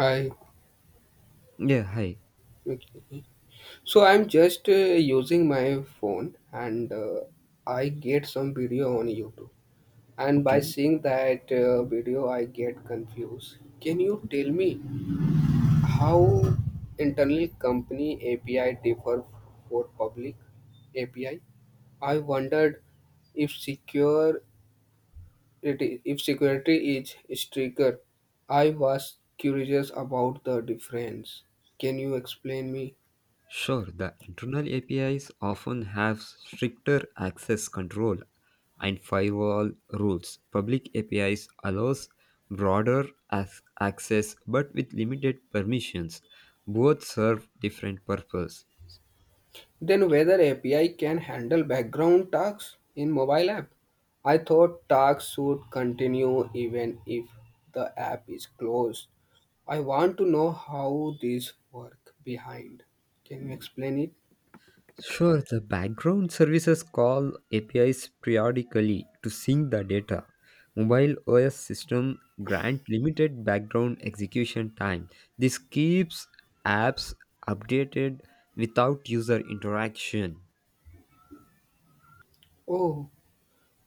Hi. Yeah, hi. Okay. So I'm just using my phone and I get some video on YouTube. And by Okay, seeing that video, I get confused. Can you tell me how internal company API differ for public API? I wondered if secure if security is stricter. I was curious about the difference. Can you explain me? sure. The internal APIs often have stricter access control and firewall rules. Public APIs allows broader access but with limited permissions. Both serve different purpose. Then whether API can handle background tasks in mobile app. I thought tasks should continue even if the app is closed. I want to know how these work behind. Can you explain it? Sure, the background services call APIs periodically to sync the data. Mobile OS system grant limited background execution time. This keeps apps updated without user interaction. Oh,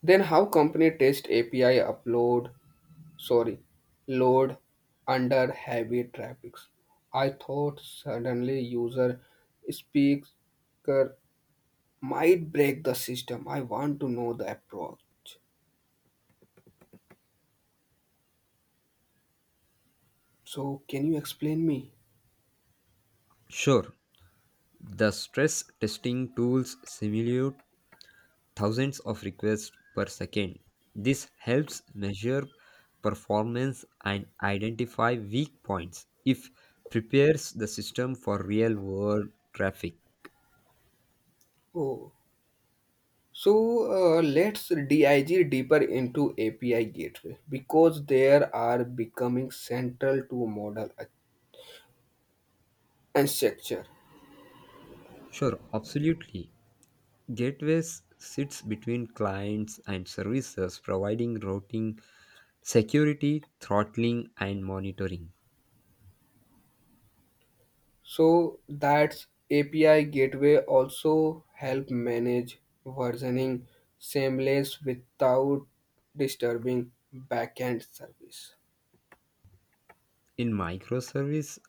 then how company test API upload, sorry, load under heavy traffics? I thought suddenly user speaker might break the system. I want to know the approach. So, can you explain me? Sure, the stress testing tools simulate thousands of requests per second. This helps measure performance and identify weak points. If prepares the system for real world traffic. Oh, so let's dig deeper into API gateway because there are becoming central to model and structure. Sure, absolutely. Gateways sits between clients and services providing routing, security, throttling and monitoring. So that's API gateway also help manage versioning seamless without disturbing backend service. In microservice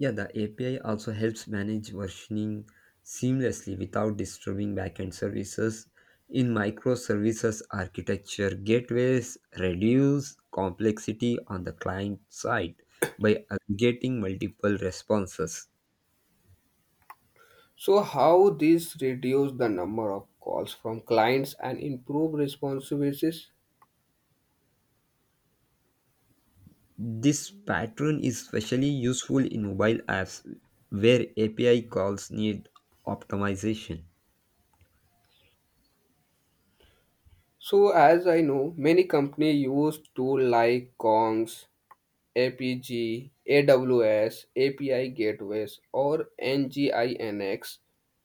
Yeah, the API also helps manage versioning seamlessly without disturbing backend services. In microservices architecture, gateways reduce complexity on the client side by aggregating multiple responses. So how this reduce the number of calls from clients and improve responsibilities. This pattern is especially useful in mobile apps where API calls need optimization. So, as I know, many company use tool like Kongs, APG, AWS, API gateways, or NGINX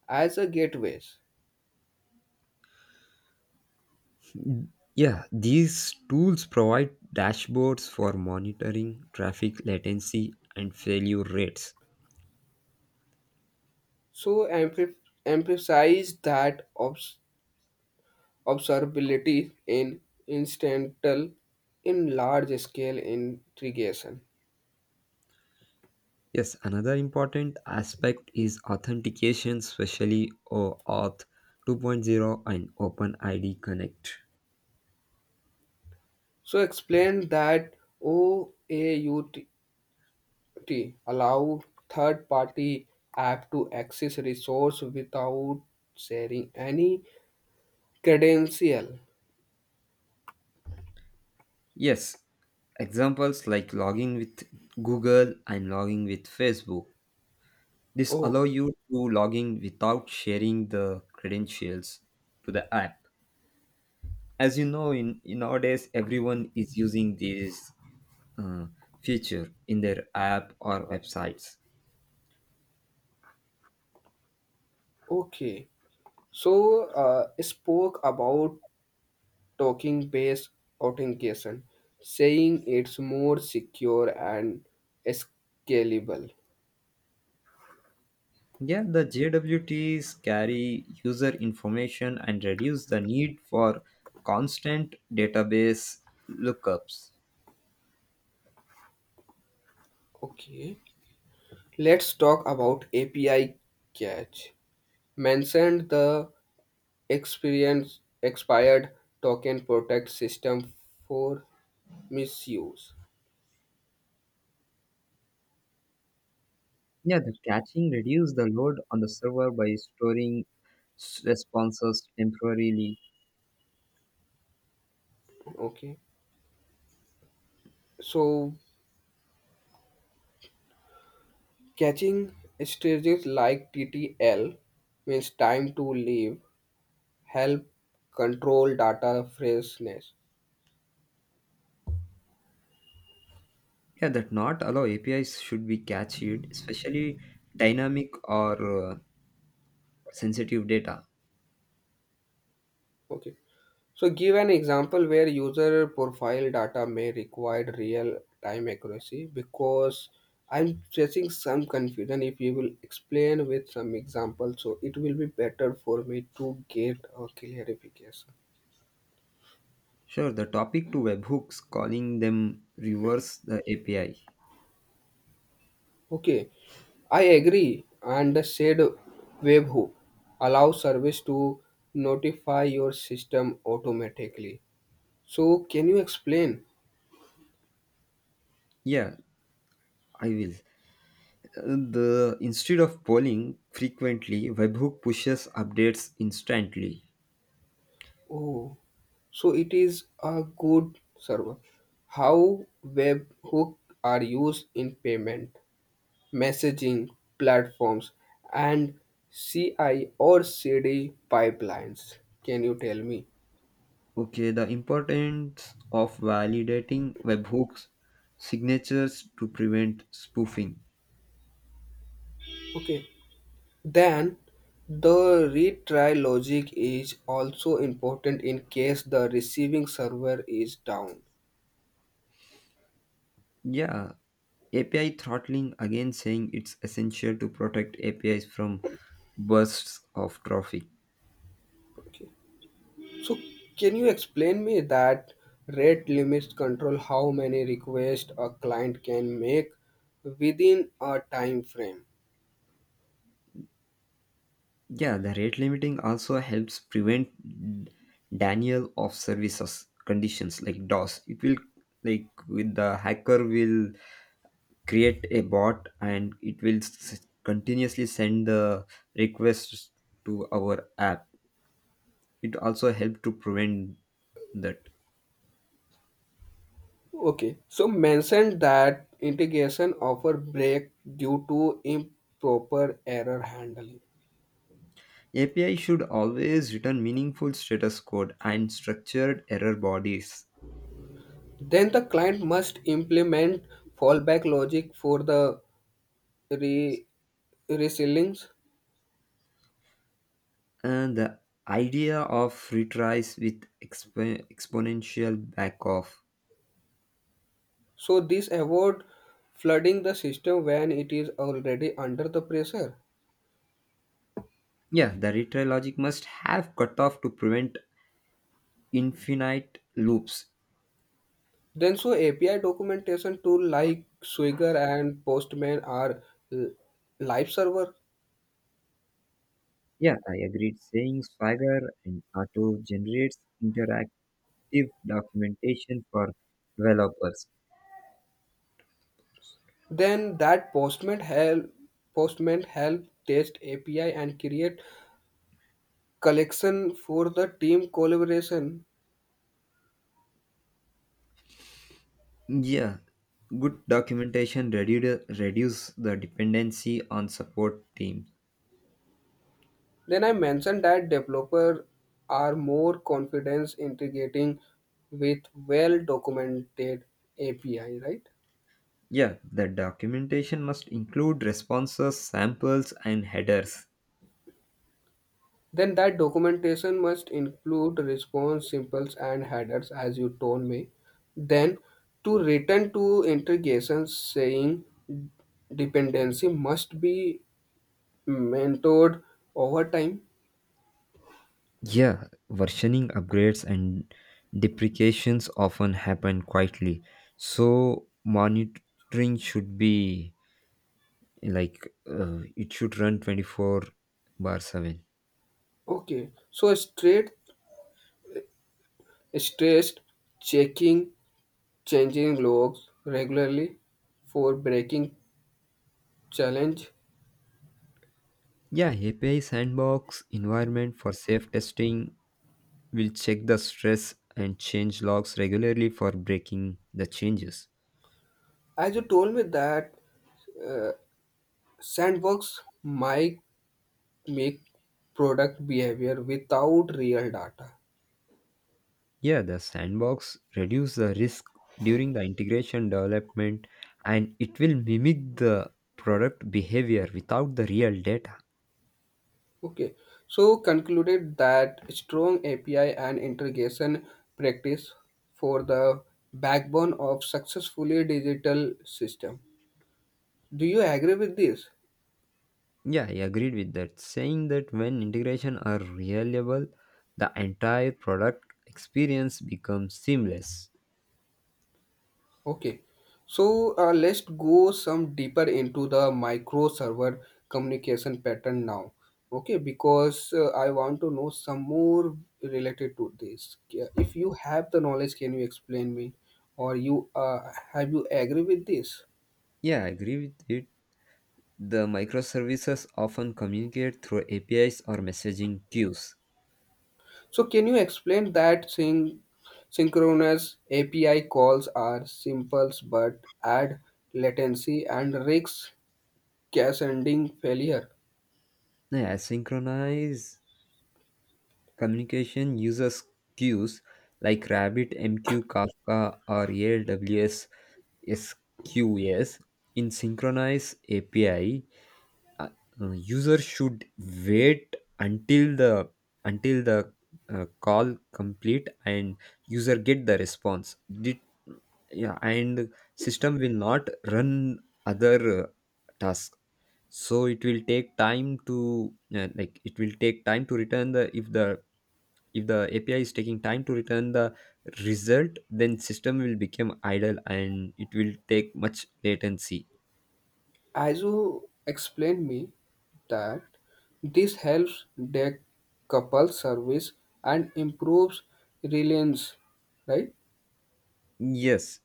as a gateways. Yeah, these tools provide dashboards for monitoring traffic latency and failure rates. So, emphasize that observability in instantal in large scale integration. Yes, another important aspect is authentication, especially OAuth 2.0 and OpenID Connect. So, explain that OAUT T allow third party app to access resource without sharing any credential. Yes, examples like logging with Google and logging with Facebook. This allow Oh, you to log in without sharing the credentials to the app as you know in nowadays everyone is using these uh, feature in their app or websites. okay. So spoke about token based authentication, saying it's more secure and scalable. Yeah, the JWTs carry user information and reduce the need for constant database lookups. Okay. Let's talk about API catch. Mentioned the experience expired token protect system for misuse. Yeah, the caching reduces the load on the server by storing responses temporarily. Okay, so catching strategies like TTL means time to leave help control data freshness. Yeah, that not allow APIs should be cached, especially dynamic or uh, sensitive data. Okay, so give an example where user profile data may require real time accuracy because I'm facing some confusion. If you will explain with some example, so it will be better for me to get a clarification. Sure, the topic to webhooks calling them reverse the API. Okay, I agree, and the shared webhook allows service to notify your system automatically. So, can you explain? Yeah, I will. Uh, The instead of polling frequently, webhook pushes updates instantly. Oh, so it is a good server. How webhook are used in payment, messaging platforms, and CI or CD pipelines? Can you tell me? Okay, the importance of validating webhooks signatures to prevent spoofing. Okay. Then, the retry logic is also important in case the receiving server is down. Yeah, API throttling again saying it's essential to protect APIs from bursts of traffic. Okay. So, can you explain me that rate limits control how many requests a client can make within a time frame? Yeah, the rate limiting also helps prevent denial of services conditions like DOS. It will like with the hacker will create a bot and it will continuously send the requests to our app. It also helps to prevent that. Okay. So, mentioned that integration offer break due to improper error handling. API should always return meaningful status code and structured error bodies. Then the client must implement fallback logic for the re- resilience. And the idea of retries with exponential backoff. So this avoid flooding the system when it is already under the pressure. Yeah, the retry logic must have cutoff to prevent infinite loops. Then so API documentation tool like Swigger and Postman are l- live server. Yeah, I agreed. Saying Swagger and Auto generates interactive documentation for developers. Then that Postman help test API and create collection for the team collaboration. Yeah, good documentation reduce the dependency on support teams. Then I mentioned that developers are more confident integrating with well-documented API, right? Yeah, the documentation must include responses, samples, and headers. Then that documentation must include response symbols and headers, as you told me. Then to return to integration, saying dependency must be mentored over time. Yeah, versioning upgrades and deprecations often happen quietly. So monitoring should be like it should run 24 bar 7. Okay, so straight stressed checking changing logs regularly for breaking challenge. Yeah, API sandbox environment for safe testing will check the stress and change logs regularly for breaking the changes. As you told me that uh, sandbox might make product behavior without real data. Yeah, the sandbox reduce the risk during the integration development and it will mimic the product behavior without the real data. Okay, so concluded that strong API and integration practice for the backbone of successfully digital system. Do you agree with this? Yeah, I agreed with that. Saying that when integration are reliable, the entire product experience becomes seamless. Okay, so let's go some deeper into the micro server communication pattern now. Okay, because I want to know some more related to this. Yeah, if you have the knowledge, can you explain me, or you have you agree with this? Yeah, I agree with it. The microservices often communicate through APIs or messaging queues. So can you explain that synchronous API calls are simple but add latency and risks cache ending failure? Yeah, asynchronous communication uses queues like RabbitMQ, Kafka, or AWS SQS in synchronized API. Uh, User should wait until the call complete and user get the response. Yeah, and system will not run other task, so it will take time to like it will take time to return the if the if the API is taking time to return the result, then system will become idle and it will take much latency. As you explained me that this helps their couple service and improves reliance, right? Yes,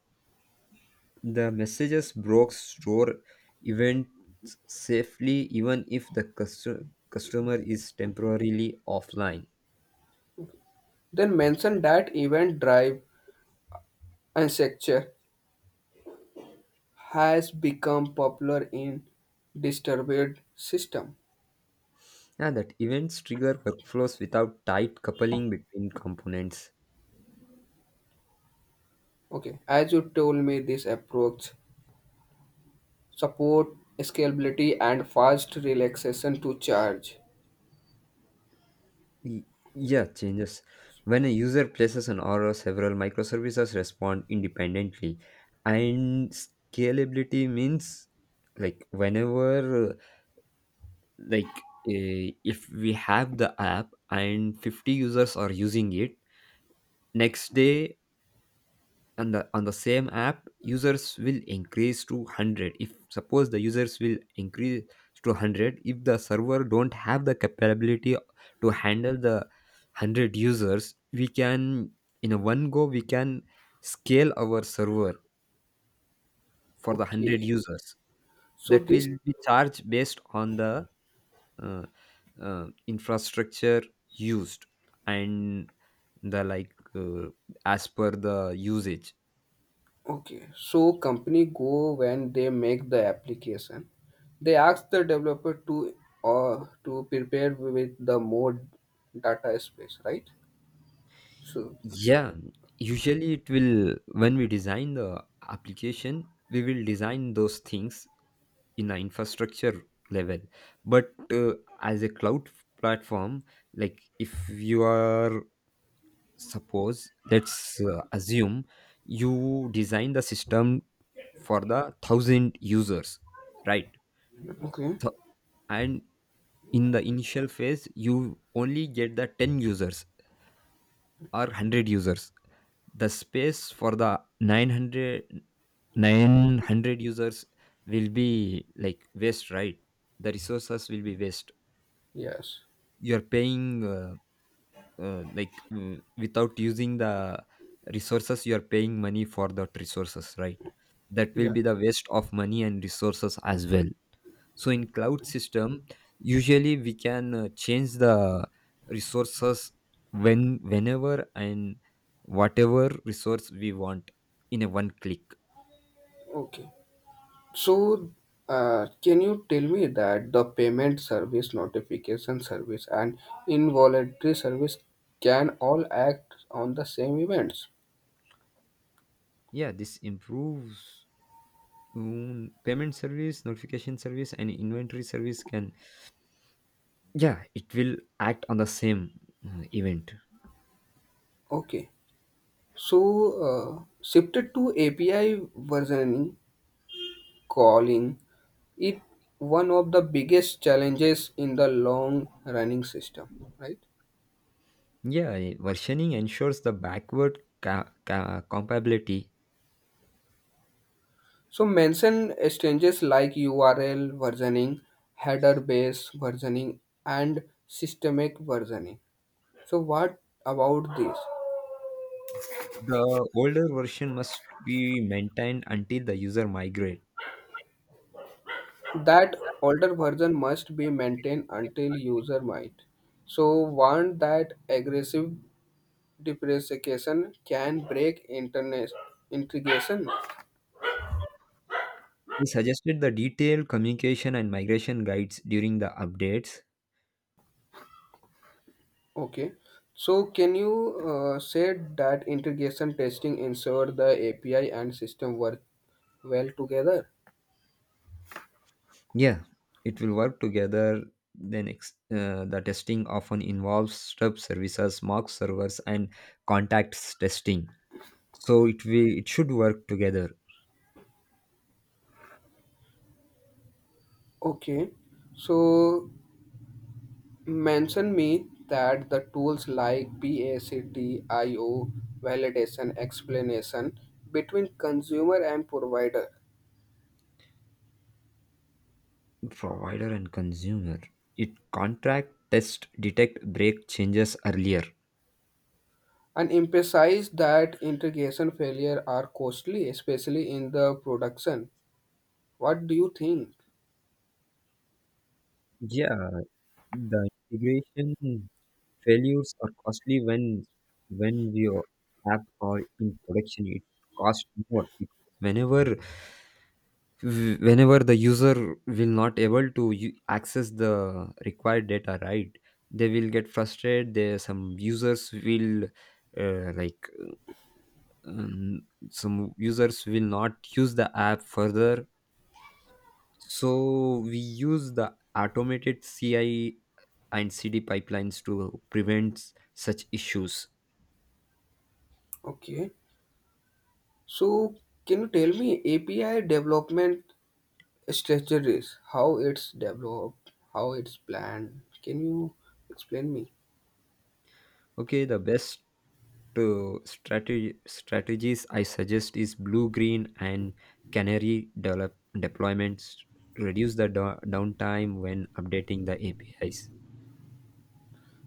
the messages broke store events safely even if the customer is temporarily offline. Then mention that event drive and structure has become popular in distributed system. Yeah, that events trigger workflows without tight coupling between components. Okay, as you told me, this approach support scalability and fast relaxation to charge. Y- Yeah, changes. When a user places an order, several microservices respond independently. And scalability means like whenever like if we have the app and 50 users are using it, next day, and on the same app users will increase to 100. If suppose the users will increase to 100, if the server don't have the capability to handle the 100 users, we can in a one go we can scale our server for the 100 Okay, users. so That this will be charged based on the uh, infrastructure used and the, like, as per the usage. Okay, so company go when they make the application, they ask the developer to prepare with the more data space, right? So Yeah, usually it will, when we design the application, we will design those things in an infrastructure level. But as a cloud platform, like, if you are, suppose, let's assume you design the system for the 1,000 users, right? okay, Th- and in the initial phase, you only get the 10 users or 100 users. The space for the nine hundred users will be like waste, right? The resources will be waste. yes, You're paying like without using the resources, you're paying money for that resources, right? That will yeah, be the waste of money and resources as well. So in cloud system usually we can change the resources whenever and whatever resource we want in a one click. okay. So, can you tell me that the payment service, notification service, and involuntary service can all act on the same events? Yeah, this improves payment service, notification service and inventory service can, yeah, it will act on the same event. Okay. So, shifted to API versioning, calling, it one of the biggest challenges in the long running system, right? Yeah, versioning ensures the backward compatibility. So mention exchanges like URL versioning, header based versioning, and systemic versioning. So what about this? The older version must be maintained until the user migrate. That older version must be maintained until user might. So warn that aggressive depreciation can break internet integration. I suggested the detailed communication and migration guides during the updates. Okay. So can you say that integration testing ensure the API and system work well together? Yeah, it will work together. Then the testing often involves stub services, mock servers, and contacts testing. So it should work together. Okay. So mention me that the tools like PACT, IO, validation, explanation between consumer and provider Provider and consumer. It contract test detect break changes earlier. and emphasize that integration failure are costly, especially in the production. What do you think? Yeah, the integration failures are costly when we are app are in production. It costs more because whenever the user will not able to access the required data, right? They will get frustrated. There some users will like um, some users will not use the app further. So we use the automated CI and CD pipelines to prevent such issues. Okay. So, can you tell me API development strategies, how it's developed, how it's planned? Can you explain me? Okay, the best strategy strategies I suggest is blue green and canary develop deployments reduce the downtime when updating the APIs.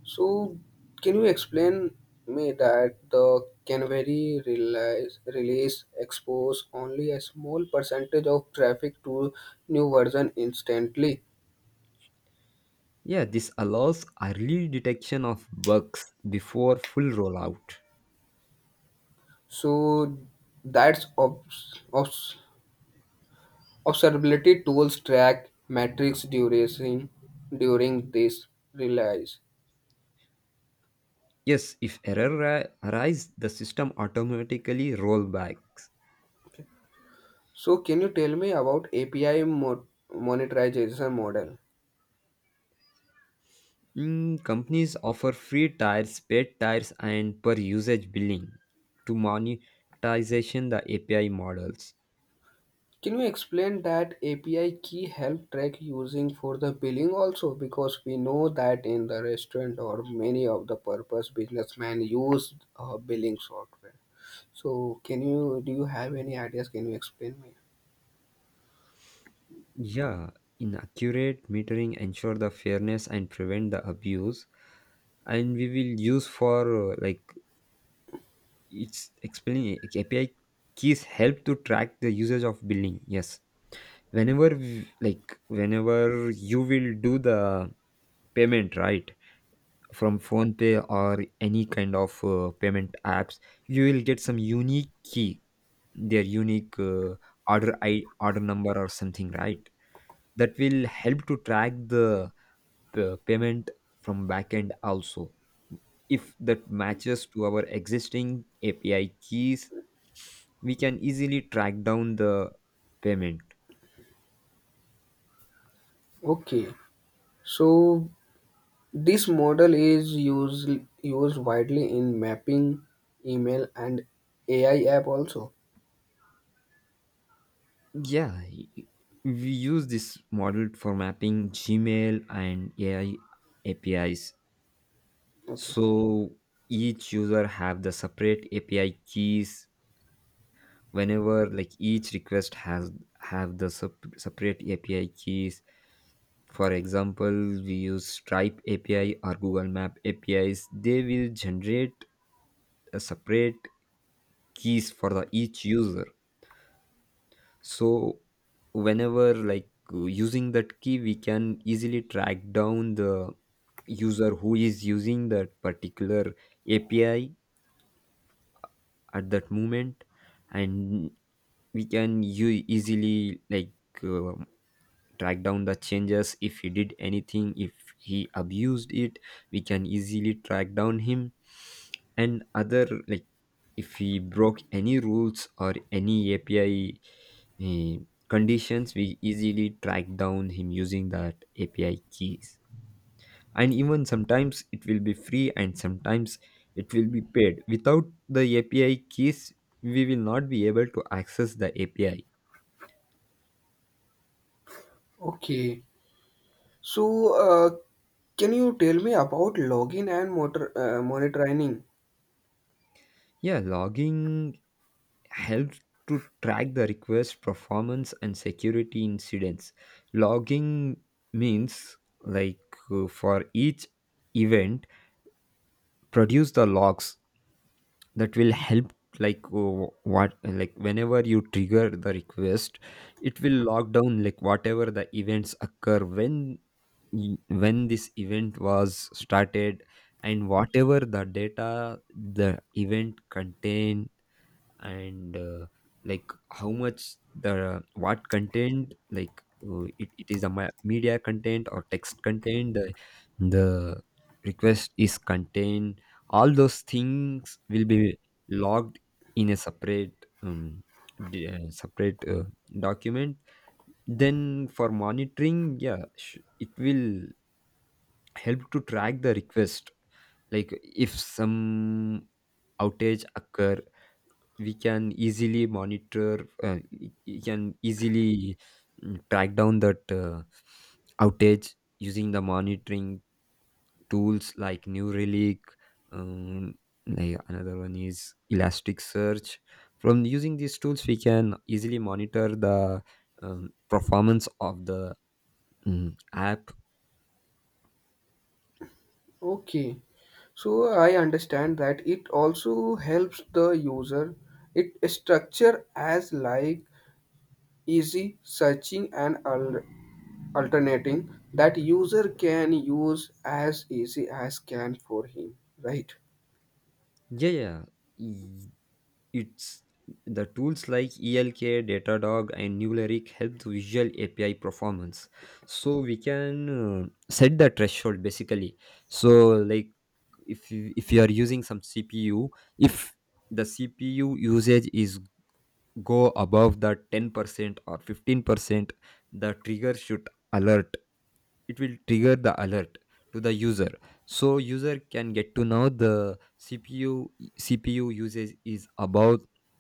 So, can you explain me that the release expose only a small percentage of traffic to new version instantly? Yeah, this allows early detection of bugs before full rollout. So, that's observability tools track metrics duration during this release. Yes, if error arise, the system automatically rollbacks. So, can you tell me about API monetization model? Companies offer free tiers, paid tiers, and per usage billing to monetization the API models. Can you explain that API key help track using for the billing also? Because we know that in the restaurant or many of the purpose businessmen use billing software. So, can you do you have any ideas? Can you explain me? Yeah, inaccurate metering ensure the fairness and prevent the abuse, and we will use for like, it's explaining API keys help to track the usage of billing. Yes, whenever like, whenever you will do the payment, right, from phone pay or any kind of payment apps, you will get some unique key, their unique order number or something, right? That will help to track the payment from backend also. If that matches to our existing API keys, we can easily track down the payment. Okay, so this model is used widely in mapping, email, and AI app also. Yeah, y- y- we use this model for mapping Gmail and AI APIs. Okay. So each user have the separate API keys, whenever like each request has have the separate API keys. For example, we use Stripe API or Google Map APIs. They will generate a separate keys for the each user. So whenever, like, using that key, we can easily track down the user who is using that particular API at that moment, and we can easily, like, uh, track down the changes. If he did anything, if he abused it, we can easily track down him. And other, like, if he broke any rules or any API eh, conditions, we easily track down him using that API keys. And even sometimes it will be free and sometimes it will be paid. Without the API keys we will not be able to access the API. Okay. So, can you tell me about login and motor, monitoring? Yeah, logging helps to track the request performance and security incidents. Logging means, like, for each event produce the logs. That will help, like, what, like, whenever you trigger the request, it will log down, like, whatever the events occur, when when this event was started and whatever the data the event contain. And like, how much, the what content, like, it is a media content or text content, the request is contained. All those things will be logged in a separate um, separate document. Then for monitoring, yeah, it will help to track the request, like, if some outage occur, we can easily monitor, you can easily track down that outage using the monitoring tools like New Relic, um, like, another one is Elasticsearch. From using these tools we can easily monitor the performance of the app. Okay. So, I understand that it also helps the user. It structure as like easy searching and alternating that user can use as easy as can for him, right? Yeah. Yeah. It's the tools like ELK, Datadog, and Newlyric help the visual API performance. So we can set the threshold basically. So, like, if you are using some CPU, if the CPU usage is go above the 10% or 15%, the trigger should alert. It will trigger the alert to the user, so user can get to know the CPU usage is about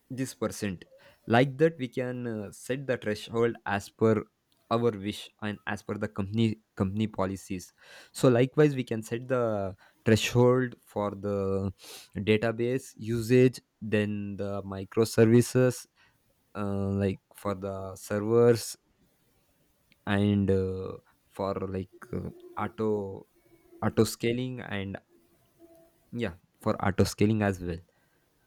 this percent. Like that we can set the threshold as per our wish and as per the company policies. So likewise we can set the threshold for the database usage, then the microservices, like, for the servers, and for, like, auto auto scaling, and, yeah, for auto scaling as well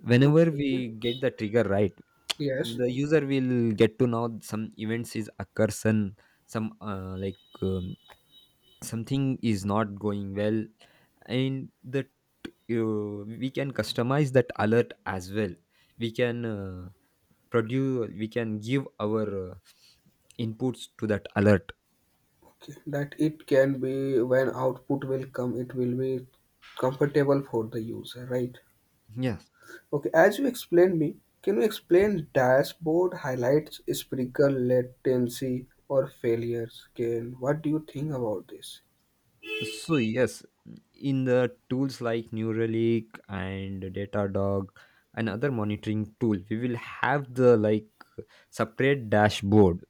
whenever Okay. we get the trigger, right? Yes. The user will get to know some events is occurring, some like, something is not going well. And that, we can customize that alert as well. We can give our inputs to that alert. Okay. That it can be when output will come, it will be comfortable for the user, right? Yeah. Okay, as you explained me, can you explain dashboard highlights, sprinkle latency, or failures? Can what do you think about this? So yes, in the tools like Neuralink and Datadog and other monitoring tool, we will have the, like, separate dashboard.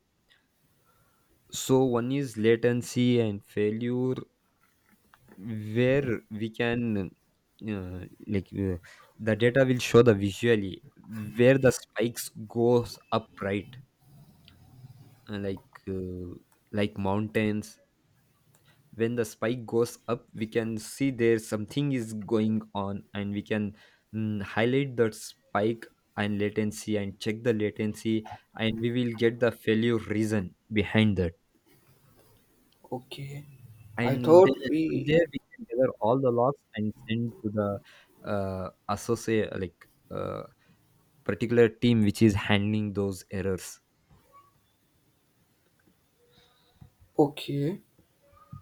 So one is latency and failure, where we can uh, like, the data will show the visually where the spikes goes up, right, uh, like uh, like mountains. When the spike goes up, we can see there something is going on and we can highlight that spike and latency and check the latency, and we will get the failure reason behind that. Okay, I And thought then from we there we can gather all the logs and send to the associate, like, particular team which is handling those errors. okay.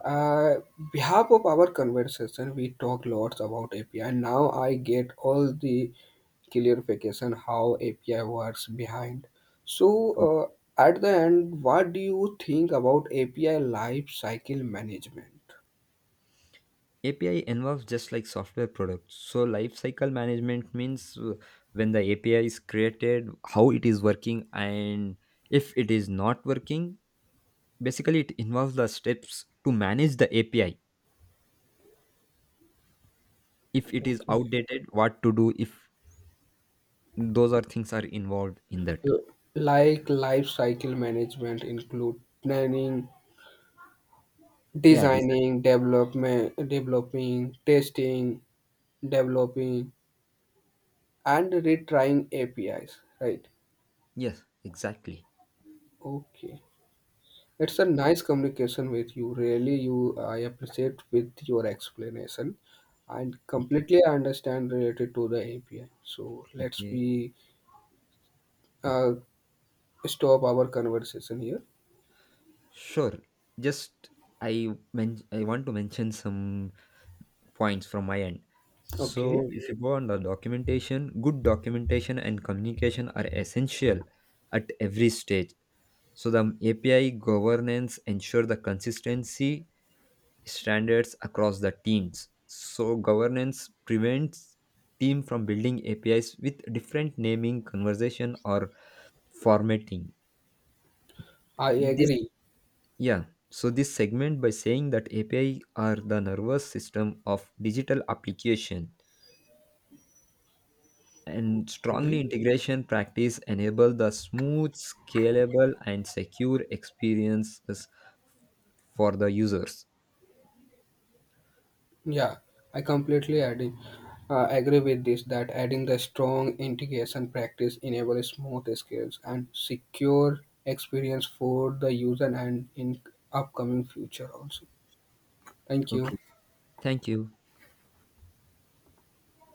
Uh, Behalf of our conversation, we talk lots about API. And now I get all the clarification how API works behind. So uh, at the end, what do you think about API life cycle management? API involves just like software products. So lifecycle management means, when the API is created, how it is working, and if it is not working, basically it involves the steps to manage the API. If it is Okay. outdated, what to do if those are things are involved in that. L- like life cycle management include planning Yeah, design. designing development developing testing developing and retrying apis, right? Yes, exactly. Okay, it's a nice communication with you. Really, you, I appreciate with your explanation and Okay. completely I understand related to the api. So let's Okay. be uh, stop our conversation here. Sure. Just I want to mention some points from my end. Okay, So, if you go on the documentation, good documentation and communication are essential at every stage. So, the API governance ensure the consistency standards across the teams. So, governance prevents team from building APIs with different naming, conversation, or formatting. I This, agree. yeah. So, this segment by saying that API are the nervous system of digital application, and strongly integration practice enable the smooth scalable and secure experiences for the users. Yeah, I completely adding, agree with this that adding the strong integration practice enables smooth skills and secure experience for the user and in upcoming future also. Thank you. Okay. Thank you.